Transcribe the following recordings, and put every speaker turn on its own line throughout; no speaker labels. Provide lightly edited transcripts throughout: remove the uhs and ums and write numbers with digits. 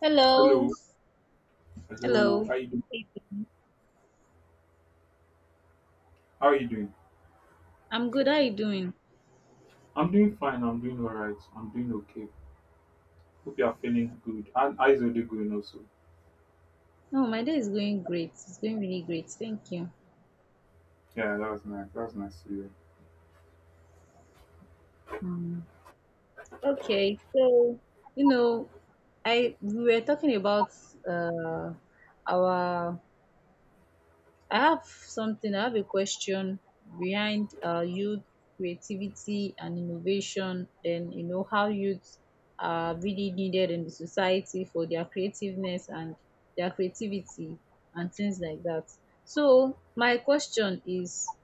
Hello.
Hello, hello.
Hello.
How you doing?
Hey, baby.
How are you doing?
I'm good. How are you doing?
I'm doing fine. I'm doing all right. I'm doing okay. Hope you are feeling good. And eyes are going also.
No, my day is going great. It's going really great. Thank you.
Yeah, that was nice. That was nice to hear.
Um, okay, so you know, I we were talking about uh our I have something, I have a question behind youth creativity and innovation, and you know, how youth are really needed in the society for their creativeness and their creativity and things like that. So, my question is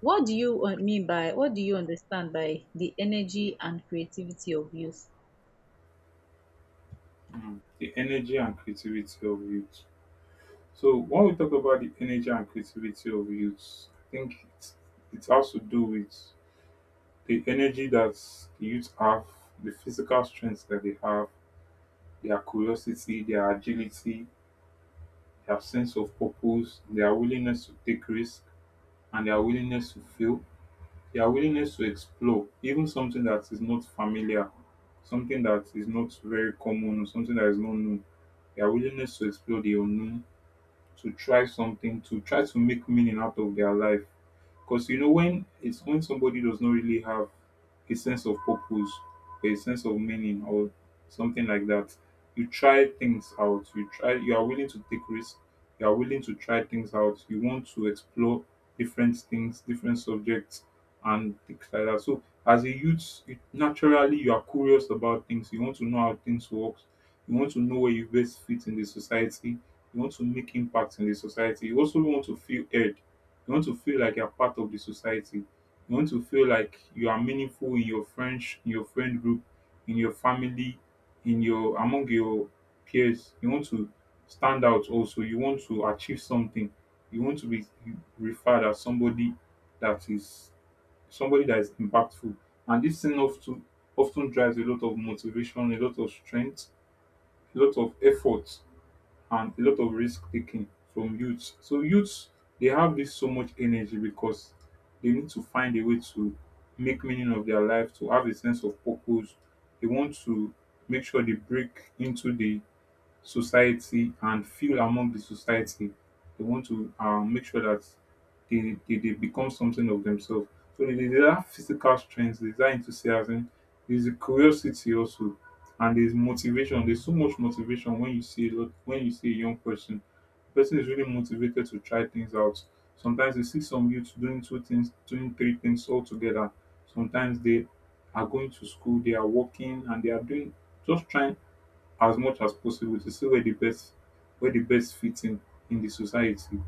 what do you mean by, what do you understand by the energy and creativity of youth?
Mm. The energy and creativity of youth. So when we talk about the energy and creativity of youth, I think it has to do with the energy that the youth have, the physical strength that they have, their curiosity, their agility, their sense of purpose, their willingness to take risks and their willingness to fail, their willingness to explore even something that is not familiar, something that is not very common, or something that is not known, their willingness to explore the unknown, to try something, to try to make meaning out of their life. Because you know when it's when somebody does not really have a sense of purpose or a sense of meaning or something like that, you try things out, you try, you are willing to take risks, you are willing to try things out, you want to explore different things, different subjects and things like that. So as a youth, you, naturally you are curious about things, you want to know how things work, you want to know where you best fit in the society, you want to make impact in the society. You also want to feel heard. You want to feel like you're part of the society. You want to feel like you are meaningful in your friends, in your friend group, in your family, in your among your peers. You want to stand out also. You want to achieve something. You want to be referred as that is somebody that is impactful. And this thing often drives a lot of motivation, a lot of strength, a lot of effort and a lot of risk taking from youths. So youths they have this so much energy because they need to find a way to make meaning of their life, to have a sense of purpose. They want to make sure they break into the society and feel among the society. They want to make sure that they become something of themselves. So they have physical strength, there's that enthusiasm, there's a curiosity also, and there's motivation. There's so much motivation when you see a lot, when you see a young person. The person is really motivated to try things out. Sometimes you see some youths doing two things, doing three things all together. Sometimes they are going to school, they are working, and they are doing, just trying as much as possible to see where the best, where the best fits in the society.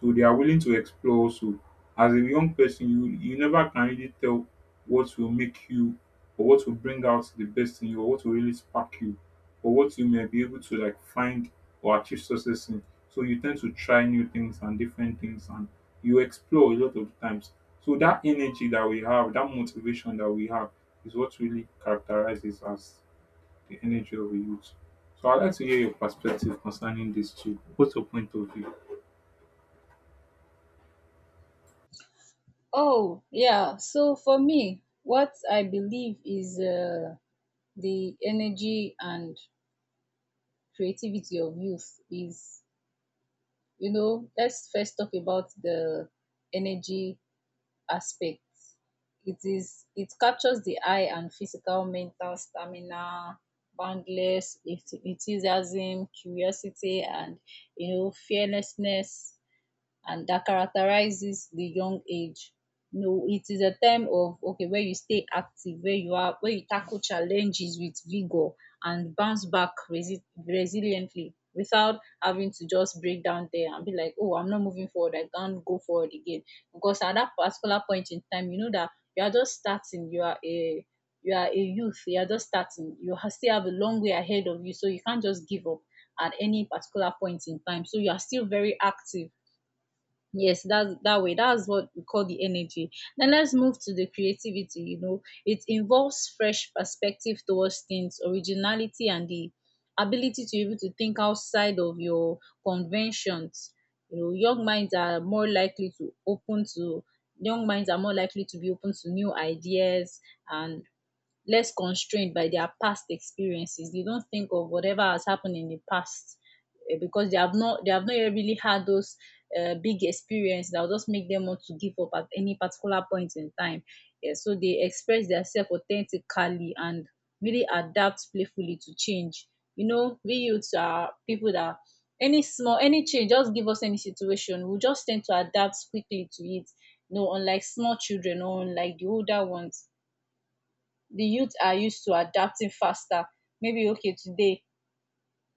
So they are willing to explore also. As a young person, you never can really tell what will make you or what will bring out the best in you or what will really spark you or what you may be able to like find or achieve success in. So you tend to try new things and different things and you explore a lot of times. So that energy that we have, that motivation that we have, is what really characterizes us, the energy of a youth. So I'd like to hear your perspective concerning this too. What's your point of view?
Oh, yeah. So for me, what I believe is the energy and creativity of youth is, you know, let's first talk about the energy aspect. It captures the eye and physical, mental stamina, boundless enthusiasm, curiosity, and you know, fearlessness and that characterizes the young age. No, it is a time of okay where you stay active, where you are where you tackle challenges with vigor and bounce back resiliently without having to just break down there and be like, oh, I'm not moving forward, I can't go forward again. Because at that particular point in time, you know that you are just starting, you are a youth, you are just starting, you still have a long way ahead of you, so you can't just give up at any particular point in time. So you are still very active. Yes, that's that way. That's what we call the energy. Then let's move to the creativity. You know, it involves fresh perspective towards things, originality, and the ability to be able to think outside of your conventions. You know, young minds are more likely to be open to new ideas and less constrained by their past experiences. They don't think of whatever has happened in the past because they have not yet really had those big experiences that will just make them want to give up at any particular point in time. Yeah, so they express themselves authentically and really adapt playfully to change. You know, we youths are people that any change, just give us any situation, we just tend to adapt quickly to it. You know, unlike small children or unlike the older ones, the youth are used to adapting faster. Maybe okay today,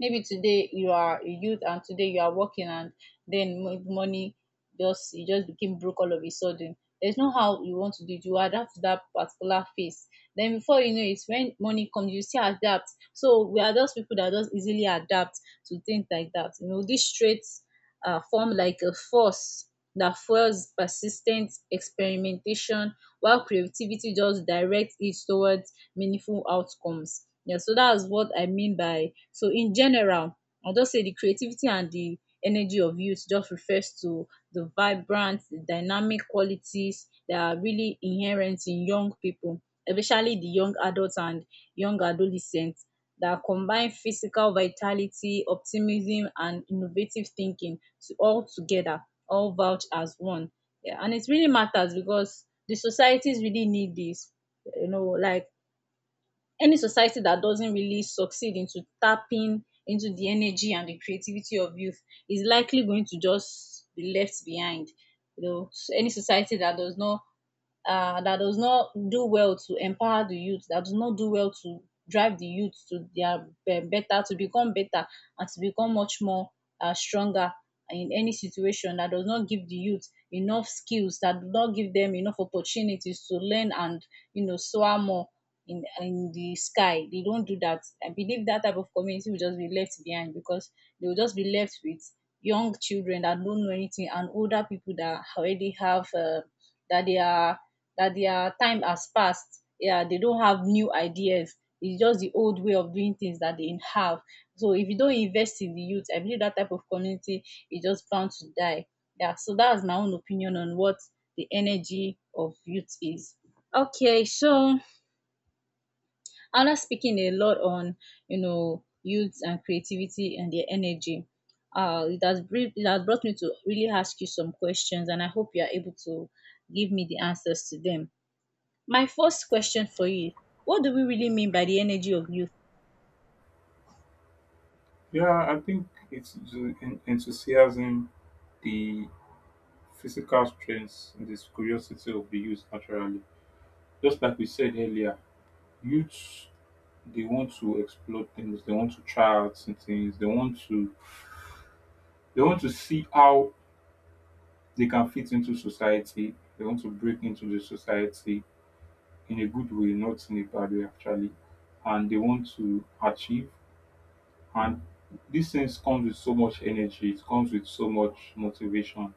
maybe today you are a youth and today you are working, and then money, just he just became broke all of a sudden, there's no how you want to do it, you adapt to that particular phase. Then before you know it, when money comes you still adapt. So we are those people that just easily adapt to things like that. You know, these traits form like a force that fuels persistent experimentation, while creativity just directs it towards meaningful outcomes. Yeah, so that's what I mean by, so in general, I'll just say the creativity and the energy of youth just refers to the vibrant, dynamic qualities that are really inherent in young people, especially the young adults and young adolescents, that combine physical vitality, optimism, and innovative thinking to all together, all vouch as one. Yeah, and it really matters because the societies really need this. You know, like any society that doesn't really succeed into tapping into the energy and the creativity of youth is likely going to just be left behind. You know, any society that does not do well to empower the youth, that does not do well to drive the youth to their better, to become better, and to become much more stronger in any situation, that does not give the youth enough skills, that do not give them enough opportunities to learn and you know soar more in the sky, they don't do that. I believe that type of community will just be left behind because they will just be left with young children that don't know anything and older people that already have that their that their time has passed. Yeah, they don't have new ideas. It's just the old way of doing things that they have. So if you don't invest in the youth, I believe that type of community is just bound to die. Yeah, so that's my own opinion on what the energy of youth is. Okay, so Anna speaking a lot on, you know, youth and creativity and their energy. It has brought me to really ask you some questions, and I hope you are able to give me the answers to them. My first question for you: what do we really mean by the energy of youth?
Yeah, I think it's the enthusiasm, the physical strength, and this curiosity of the youth naturally. Just like we said earlier, youths they want to explore things, they want to try out some things, they want to, they want to see how they can fit into society, they want to break into the society in a good way, not in a bad way actually. And they want to achieve. And these things comes with so much energy, it comes with so much motivation,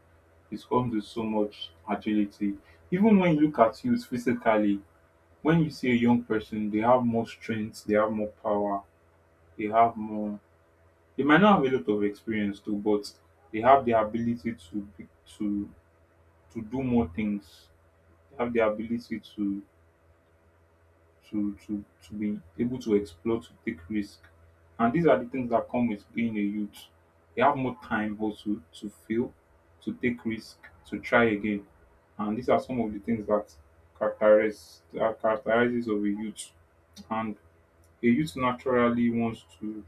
it comes with so much agility. Even when you look at youth physically, when you see a young person, they have more strength, they have more power, they have more, they might not have a lot of experience too, but they have the ability to to to do more things. They have the ability to to be able to explore, to take risk. And these are the things that come with being a youth. You have more time also to fail, to take risk, to try again. And these are some of the things that characterizes of a youth. And a youth naturally wants to,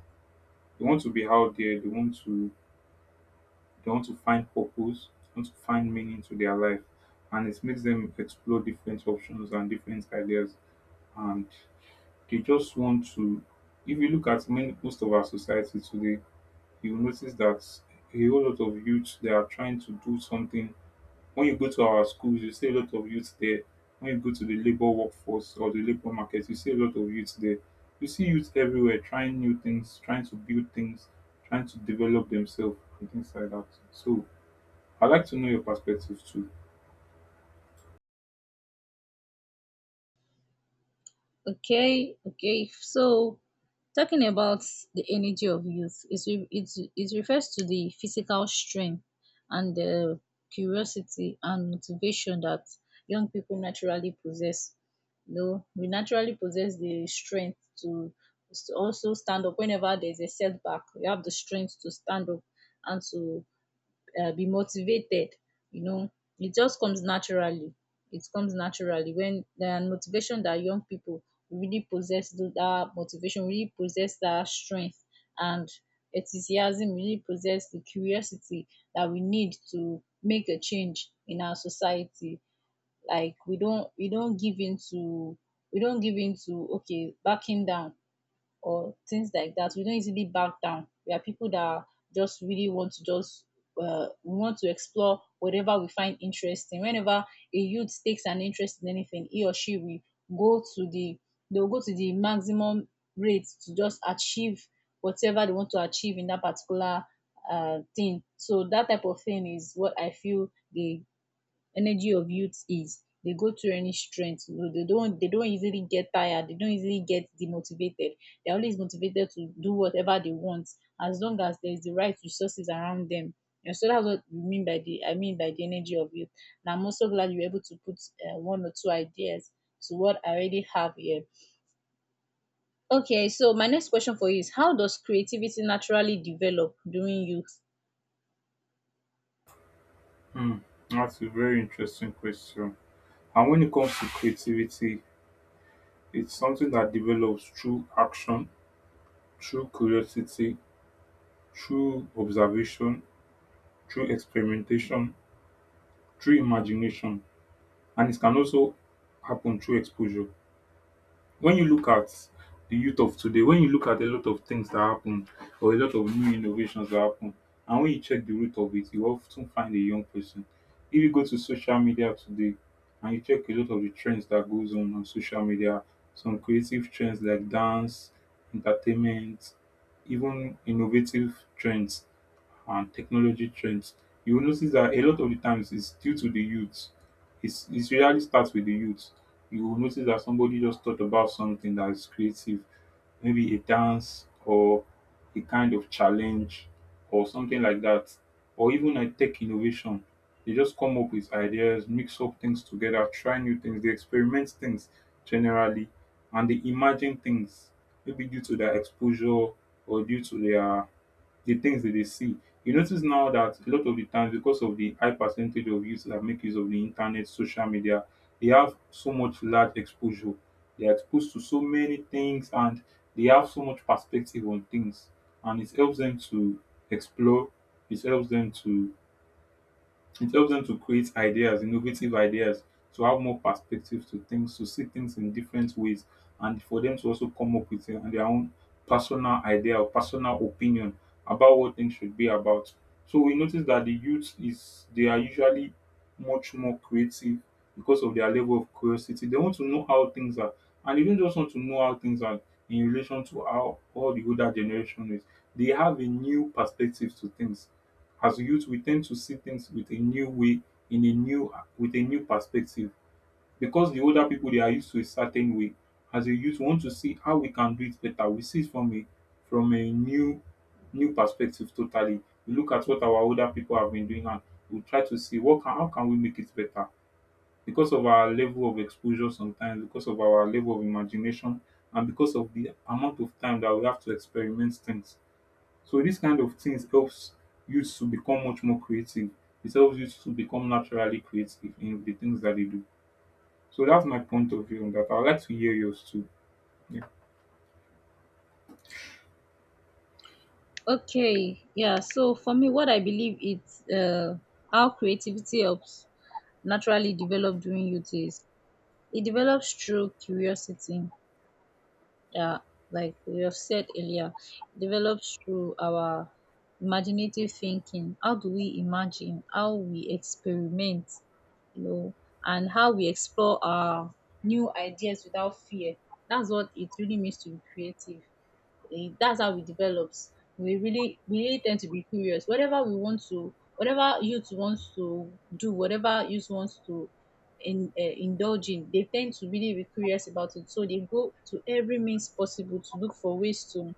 they want to be out there, they want to, they want to find purpose, they want to find meaning to their life. And it makes them explore different options and different ideas. And they just want to, if you look at many most of our society today, you'll notice that a whole lot of youth they are trying to do something. When you go to our schools, you see a lot of youth there. When you go to the labor workforce or the labor market, you see a lot of youth there. You see youth everywhere trying new things, trying to build things, trying to develop themselves and things like that. So I'd like to know your perspective too.
Okay, okay. So, talking about the energy of youth, it refers to the physical strength and the curiosity and motivation that young people naturally possess. You know, we naturally possess the strength to also stand up whenever there's a setback. We have the strength to stand up and to be motivated. You know, it just comes naturally. It comes naturally when the motivation that young people really possess, that motivation, really possess that strength and enthusiasm, really possess the curiosity that we need to make a change in our society. Like we don't give in to, okay, backing down or things like that. We don't easily back down. We are people that just really want to just we want to explore whatever we find interesting. Whenever a youth takes an interest in anything, he or she will go to the they will go to the maximum rate to just achieve whatever they want to achieve in that particular thing. So that type of thing is what I feel the energy of youth is. They go through any strength, so they don't easily get tired, they don't easily get demotivated, they're always motivated to do whatever they want as long as there's the right resources around them. And so that's what we mean by the I mean by the energy of youth. And I'm also glad you're able to put one or two ideas to what I already have here. Okay, so my next question for you is how does creativity naturally develop during youth?
That's a very interesting question. And when it comes to creativity, it's something that develops through action, through curiosity, through observation, through experimentation, through imagination, and it can also happen through exposure. When you look at the youth of today, when you look at a lot of things that happen or a lot of new innovations that happen, and when you check the root of it, you often find a young person. If you go to social media today and you check a lot of the trends that goes on social media, some creative trends like dance, entertainment, even innovative trends and technology trends, you will notice that a lot of the times it's due to the youth. It's, it really starts with the youth. You will notice that somebody just thought about something that is creative, maybe a dance or a kind of challenge or something like that, or even a tech innovation. They just come up with ideas, mix up things together, try new things, they experiment things generally, and they imagine things maybe due to their exposure or due to their, the things that they see. You notice now that a lot of the times, because of the high percentage of youths that make use of the internet, social media, they have so much large exposure. They are exposed to so many things and they have so much perspective on things. And it helps them to explore, it helps them to, it helps them to create ideas, innovative ideas, to have more perspective to things, to see things in different ways, and for them to also come up with their own personal idea or personal opinion about what things should be about. So we notice that the youth is they are usually much more creative because of their level of curiosity. They want to know how things are, and they don't just want to know how things are in relation to how all the older generation is. They have a new perspective to things. As a youth, we tend to see things with a new way, in a new, with a new perspective, because the older people they are used to a certain way. As a youth, we want to see how we can do it better. We see it from a, from a new perspective totally. We look at what our older people have been doing and we try to see what can, how can we make it better because of our level of exposure sometimes, because of our level of imagination, and because of the amount of time that we have to experiment things. So this kind of things helps you to become much more creative. It helps you to become naturally creative in the things that you do. So that's my point of view on that. I'd like to hear yours too. Yeah.
Okay, yeah. So for me, what I believe it's how creativity helps naturally develop during youth is it develops through curiosity. Yeah, like we have said earlier, it develops through our imaginative thinking. How do we imagine? How we experiment? You know, and how we explore our new ideas without fear. That's what it really means to be creative. That's how it develops. We really tend to be curious. Whatever youth wants to do, whatever youth wants to indulge in, they tend to really be curious about it. So they go to every means possible to look for ways to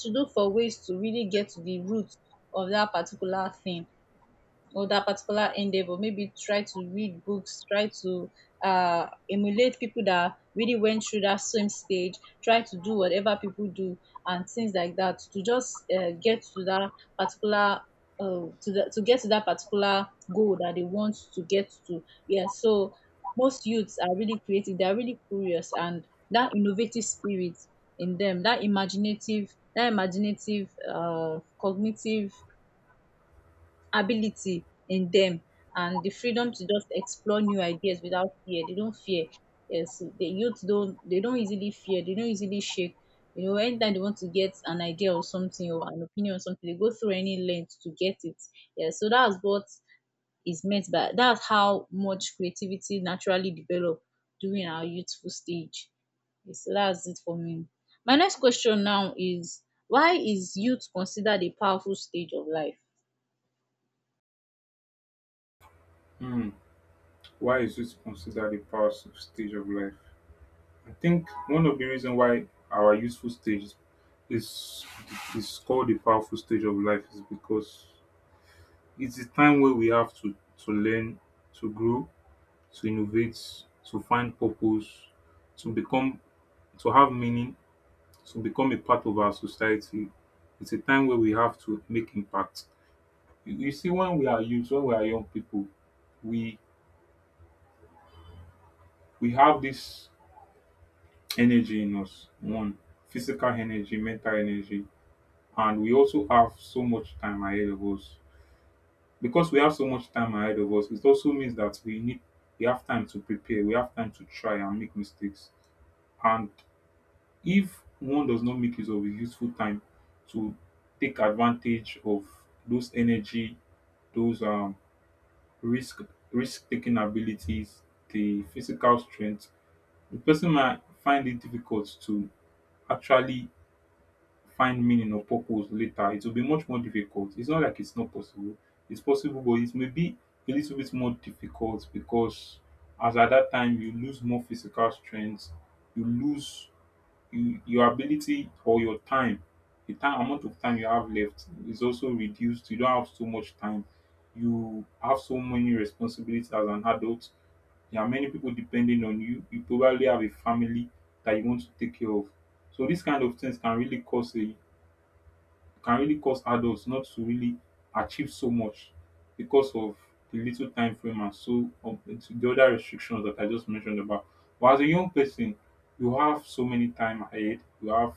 to look for ways to really get to the root of that particular thing or that particular endeavor. Maybe try to read books, try to emulate people that really went through that same stage, try to do whatever people do and things like that to just get to that particular. To get to that particular goal that they want to get to. Yeah, so most youths are really creative, they are really curious, and that innovative spirit in them, that imaginative, cognitive ability in them and the freedom to just explore new ideas without fear. They don't fear. Yes, the youth don't, they don't easily fear, they don't easily shake. You know, anytime they want to get an idea or something or an opinion or something, they go through any length to get it. Yeah, so that's what is meant by that's how much creativity naturally develop during our youthful stage. Yes, so that's it for me. My next question now is why is youth considered a powerful stage of life?
Why is youth considered a powerful stage of life? I think one of the reasons why our youthful stage is called a powerful stage of life is because it's the time where we have to learn, to grow, to innovate, to find purpose, to become, to have meaning, to become a part of our society. It's a time where we have to make impact. You see, when we are youth, when we are young people, we we have this energy in us. One, physical energy, mental energy, and we also have so much time ahead of us. Because we have so much time ahead of us, it also means that we need, we have time to prepare, we have time to try and make mistakes. And if one does not make use of his useful time to take advantage of those energy, those risk risk taking abilities, the physical strength, the person might find it difficult to actually find meaning or purpose later. It will be much more difficult. It's not like it's not possible. It's possible, but it may be a little bit more difficult because as at that time you lose more physical strength, you lose your ability or your time, the time amount of time you have left is also reduced. You don't have so much time. You have so many responsibilities as an adult. There are many people depending on you. You probably have a family that you want to take care of. So these kind of things can really cause adults not to really achieve so much because of the little time frame, and so, to the other restrictions that I just mentioned about. But as a young person, you have so many time ahead, you have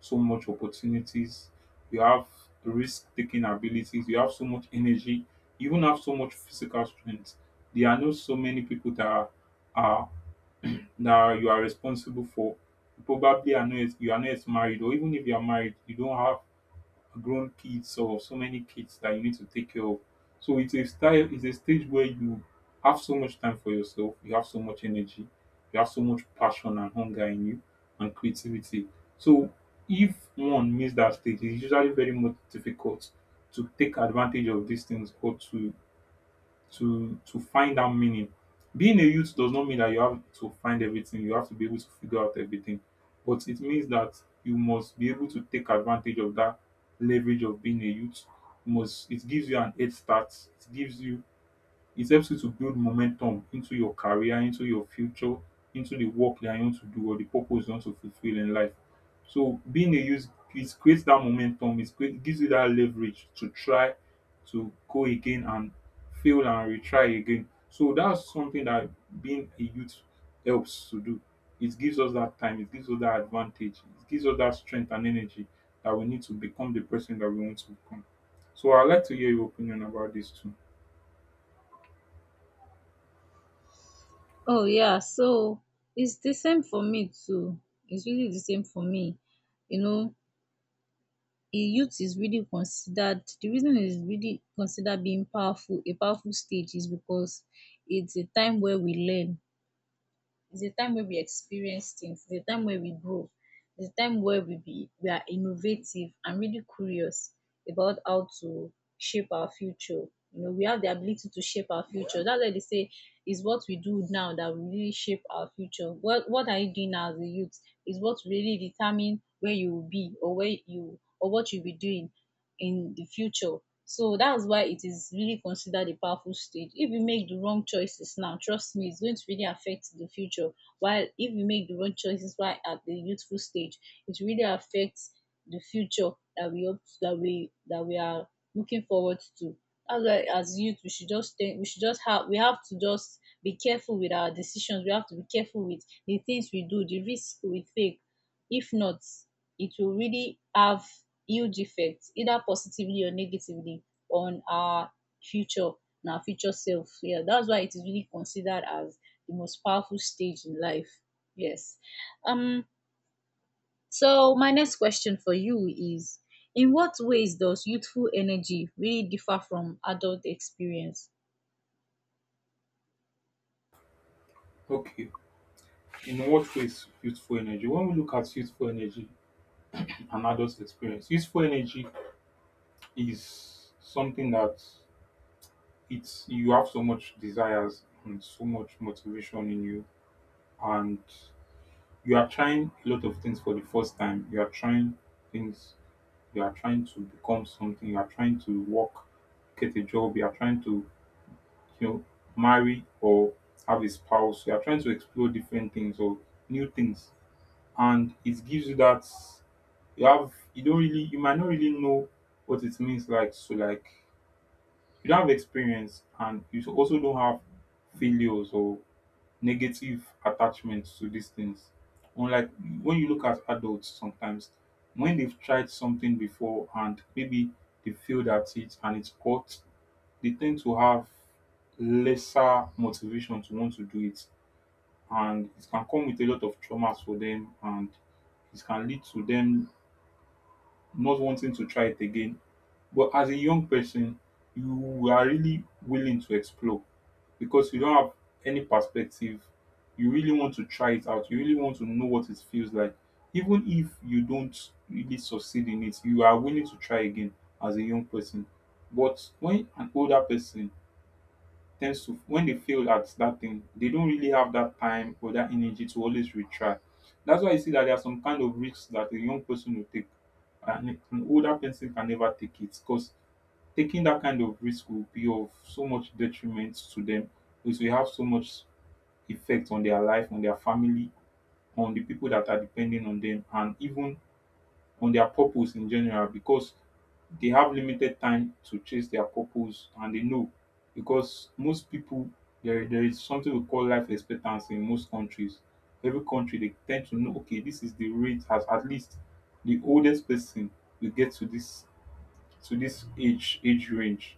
so much opportunities, you have risk taking abilities, you have so much energy, you even have so much physical strength. There are not so many people that are that you are responsible for. You probably are not yet- you are not yet married, or even if you are married, you don't have grown kids or so many kids that you need to take care of. So it's a stage where you have so much time for yourself, you have so much energy, you have so much passion and hunger in you, and creativity. So if one missed that stage, it's usually very much difficult to take advantage of these things, or to find that meaning. Being a youth does not mean that you have to find everything, you have to be able to figure out everything. But it means that you must be able to take advantage of that leverage of being a youth. You must it gives you an head start, it helps you to build momentum into your career, into your future, into the work that you want to do, or the purpose you want to fulfill in life. So being a youth, it creates that momentum, it create gives you that leverage to try to go again and fail and retry again. So that's something that being a youth helps to do. It gives us that time, it gives us that advantage, it gives us that strength and energy that we need to become the person that we want to become. So I'd like to hear your opinion about this too.
Oh yeah, so it's the same for me too. It's really the same for me. You know, a youth is really considered, the reason it's really considered being powerful, a powerful stage, is because it's a time where we learn, it's the time where we experience things. It's the time where we grow. It's the time where we are innovative and really curious about how to shape our future. You know, we have the ability to shape our future. That's why they say is what we do now that will really shape our future. What are you doing now as a youth is what really determine where you will be or where you or what you'll be doing in the future. So that's why it is really considered a powerful stage. If you make the wrong choices now, trust me, it's going to really affect the future. While if you make the wrong choices while at the youthful stage, it really affects the future that we hope that we are looking forward to. That's why as youth we have to just be careful with our decisions. We have to be careful with the things we do, the risk we take. If not, it will really have huge effects, either positively or negatively, on our future and our future self. Yeah, that's why it is really considered as the most powerful stage in life. Yes. Um, so my next question for you is in what ways does youthful energy really differ from adult experience?
Okay. In what ways youthful energy? When we look at youthful energy and adult experience, youthful energy is something that it's you have so much desires and so much motivation in you, and you are trying a lot of things for the first time. You are trying things. You are trying to become something. You are trying to work, get a job. You are trying to you know marry or have a spouse. You are trying to explore different things or new things, and it gives you that you have you don't really you might not really know what it means, like, so, like, you don't have experience, and you also don't have failures or negative attachments to these things. Unlike when you look at adults sometimes, when they've tried something before and maybe they failed at it and it's caught, they tend to have lesser motivation to want to do it, and it can come with a lot of traumas for them, and it can lead to them not wanting to try it again. But as a young person, you are really willing to explore because you don't have any perspective. You really want to try it out. You really want to know what it feels like. Even if you don't really succeed in it, you are willing to try again as a young person. But when an older person tends to when they fail at that thing, they don't really have that time or that energy to always retry. That's why you see that there are some kind of risks that a young person will take and an older person can never take it, because taking that kind of risk will be of so much detriment to them. It will have so much effect on their life, on their family, on the people that are depending on them, and even on their purpose in general, because they have limited time to chase their purpose and they know. Because most people, there is something we call life expectancy in most countries. Every country, they tend to know, okay, this is the rate as at least the oldest person will get to, this age range.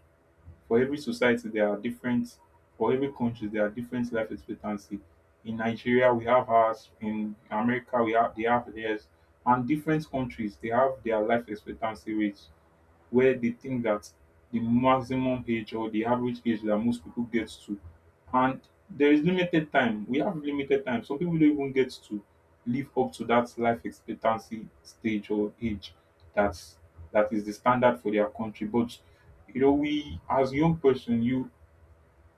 for every society there are different for every country there are different life expectancy. In Nigeria we have ours, in America we have they have theirs, and different countries, they have their life expectancy rates, where they think that the maximum age or the average age that most people get to. And there is limited time we have limited time. Some people don't even get to live up to that life expectancy stage or age, that's that is the standard for their country. But we as young person,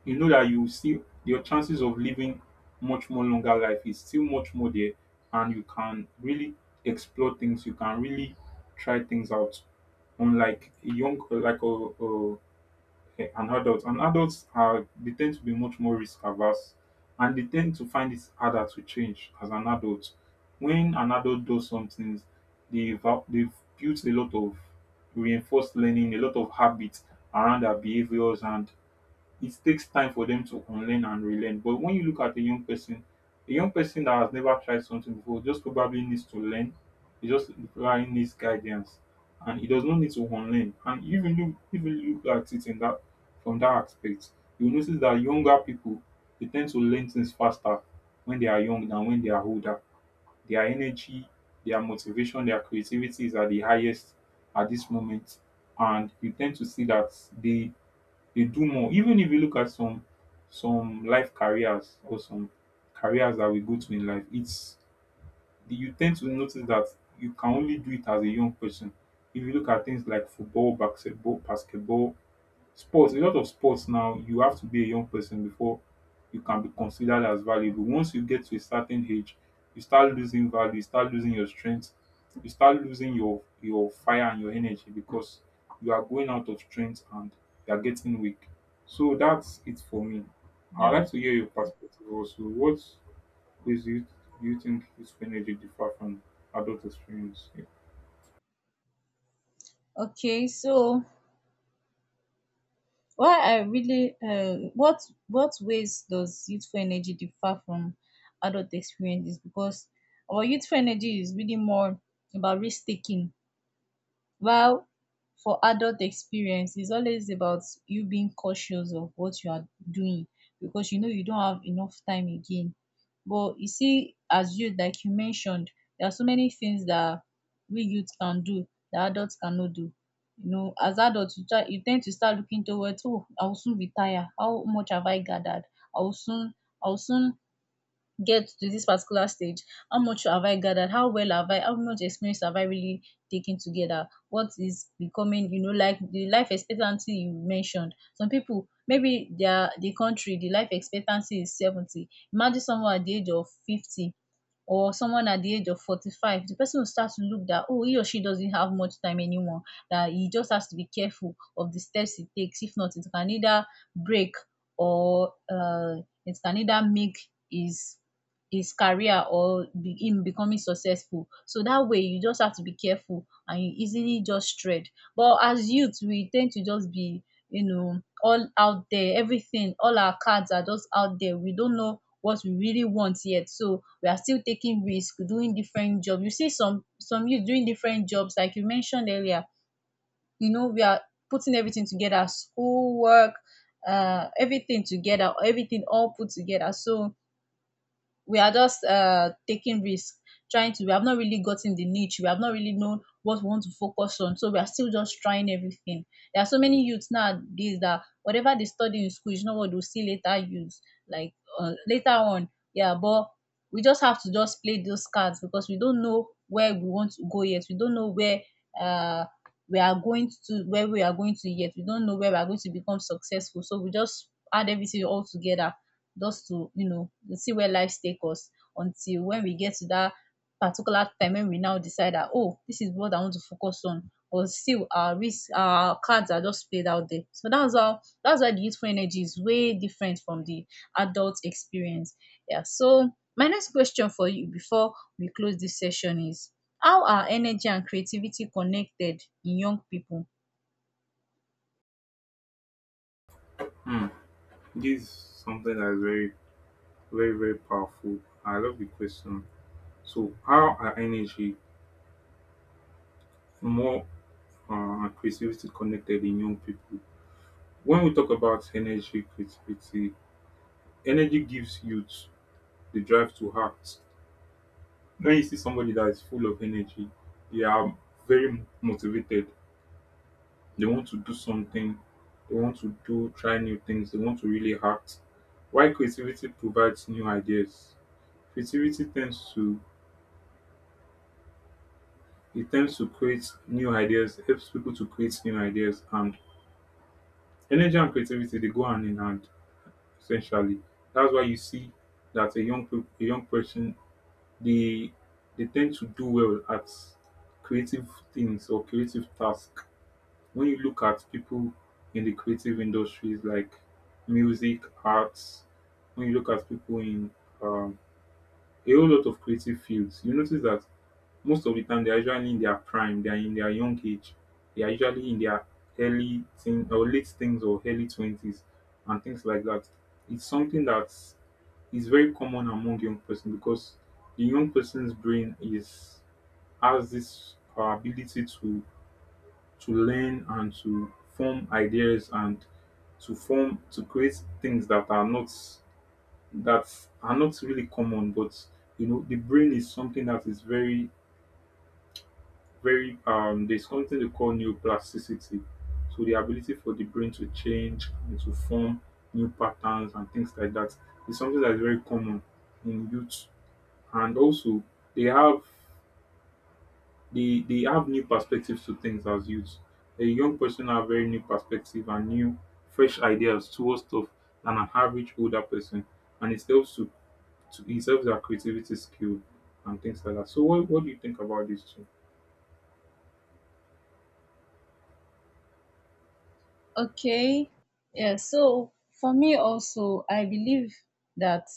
you know that you see your chances of living much more longer life is still much more there, and you can really explore things, you can really try things out. Unlike a young like a an adult. And adults are they tend to be much more risk averse, and they tend to find it harder to change as an adult. When an adult does some things, they've they've built a lot of reinforced learning, a lot of habits around their behaviors, and it takes time for them to unlearn and relearn. But when you look at a young person that has never tried something before just probably needs to learn. He just probably needs guidance, and he does not need to unlearn. And even look at it in that from that aspect, you notice that younger people, they tend to learn things faster when they are young than when they are older. Their energy, their motivation, their creativity is at the highest at this moment, and you tend to see that they they do more. Even if you look at some life careers or some careers that we go to in life, it's you tend to notice that you can only do it as a young person. If you look at things like football, basketball, sports, a lot of sports now, you have to be a young person before you can be considered as valuable. Once you get to a certain age, you start losing value, you start losing your strength, you start losing your fire and your energy, because you are going out of strength and you are getting weak. So that's it for me. I'd
Yeah.
like to hear your perspective also. What ways do you think useful energy differ from adult experience?
Okay, so why I really what ways does youthful energy differ from adult experiences? Because our youthful energy is really more about risk taking, while for adult experience it's always about you being cautious of what you are doing, because you know you don't have enough time again. But you see, as you like you mentioned, there are so many things that we youth can do that adults cannot do. You know, as adults, you try, you ten to start looking towards, oh, I will soon retire, how much have I gathered, I will soon I will soon get to this particular stage. How much have I gathered, how well have I, how much experience have I really taken together, what is becoming, you know, like the life expectancy you mentioned. Some people, maybe their the country the life expectancy is 70. Imagine someone at the age of 50 or someone at the age of 45, the person will start to look that, oh, he or she doesn't have much time anymore, that he just has to be careful of the steps he takes. If not, it can either break, or it can either make his his career, or be him becoming successful. So that way you just have to be careful and you easily just strayed. But as youth we tend to just be, you know, all out there, everything, all our cards are just out there. We don't know what we really want yet, so we are still taking risk, doing different jobs. You see some youth doing different jobs like you mentioned earlier. You know, we are putting everything together, school, work, everything together, everything all put together. So we are just taking risks, trying to, we have not really gotten the niche, we have not really known what we want to focus on, so we are still just trying everything. There are so many youths nowadays that whatever they study in school is not what they'll see later use, like later on. Yeah, but we just have to just play those cards because we don't know where we want to go yet, we don't know where, uh we are going to where we are going to yet, we don't know where we are going to become successful, so we just add everything all together, just to, you know, see where life take us, until when we get to that particular time when we now decide that, oh, this is what I want to focus on. But still, our risk, our cards are just played out there. So that's why the youthful energy is way different from the adult experience. Yeah. So my next question for you before we close this session is, how are energy and creativity connected in young people?
This is something that is very, very, very powerful. I love the question. So how are energy more and creativity connected in young people? When we talk about energy, creativity, energy gives youth the drive to act. When you see somebody that is full of energy, they are very motivated. They want to do something. They want to do try new things. They want to really act. Why creativity provides new ideas? Creativity tends to, it tends to create new ideas, helps people to create new ideas. And energy and creativity, they go hand in hand essentially. That's why you see that a young person, they they tend to do well at creative things or creative tasks. When you look at people in the creative industries like music, arts, when you look at people in um, a whole lot of creative fields, you notice that most of the time they are usually in their prime, they are in their young age. They are usually in their early teen or late teens or early 20s and things like that. It's something that is very common among young person, because the young person's brain is has this ability to learn and to form ideas, and to create things that are not really common. But the brain is something that is very, very. There's something they call neuroplasticity. So the ability for the brain to change and to form new patterns and things like that is something that's very common in youth. And also, they have they have new perspectives to things as youth. A young person have very new perspective and new fresh ideas towards stuff than an average older person. And it helps their creativity skill and things like that. So what do you think about this too?
Okay. Yeah. So for me also, I believe that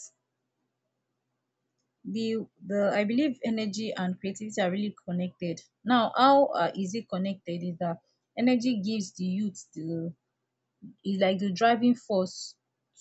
the the I believe energy and creativity are really connected. Now, how is it connected? Is that energy gives the youth the, is like the driving force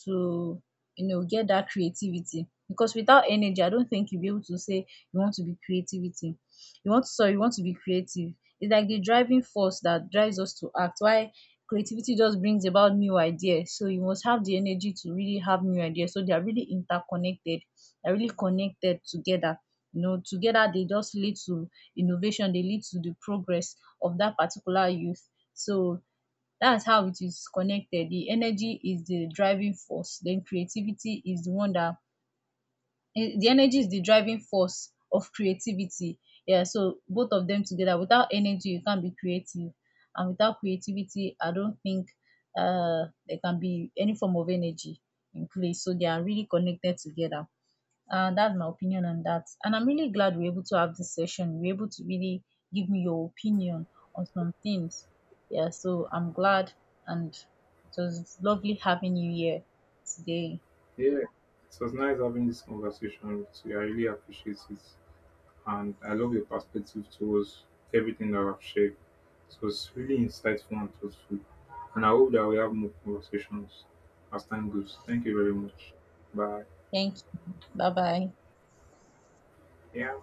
to, you know, get that creativity, because without energy I don't think you'll be able to say you want to be creativity, you want to, sorry, you want to be creative. It's like the driving force that drives us to act, why creativity just brings about new ideas. So you must have the energy to really have new ideas, so they are really interconnected, they're really connected together. You know, together they just lead to innovation, they lead to the progress of that particular youth. So that's how it is connected. The energy is the driving force, then creativity is the one that, the energy is the driving force of creativity. Yeah, so both of them together, without energy you can't be creative, and without creativity I don't think there can be any form of energy in place. So they are really connected together. That's my opinion on that. And I'm really glad we're able to have this session, we are able to really give me your opinion on some things. Yeah, so I'm glad, and it was lovely having you here today.
Yeah, it was nice having this conversation with you. I really appreciate it. And I love your perspective towards everything that I've shared. It was really insightful and thoughtful. And I hope that we have more conversations as time goes. Thank you very much. Bye.
Thank you. Bye bye.
Yeah.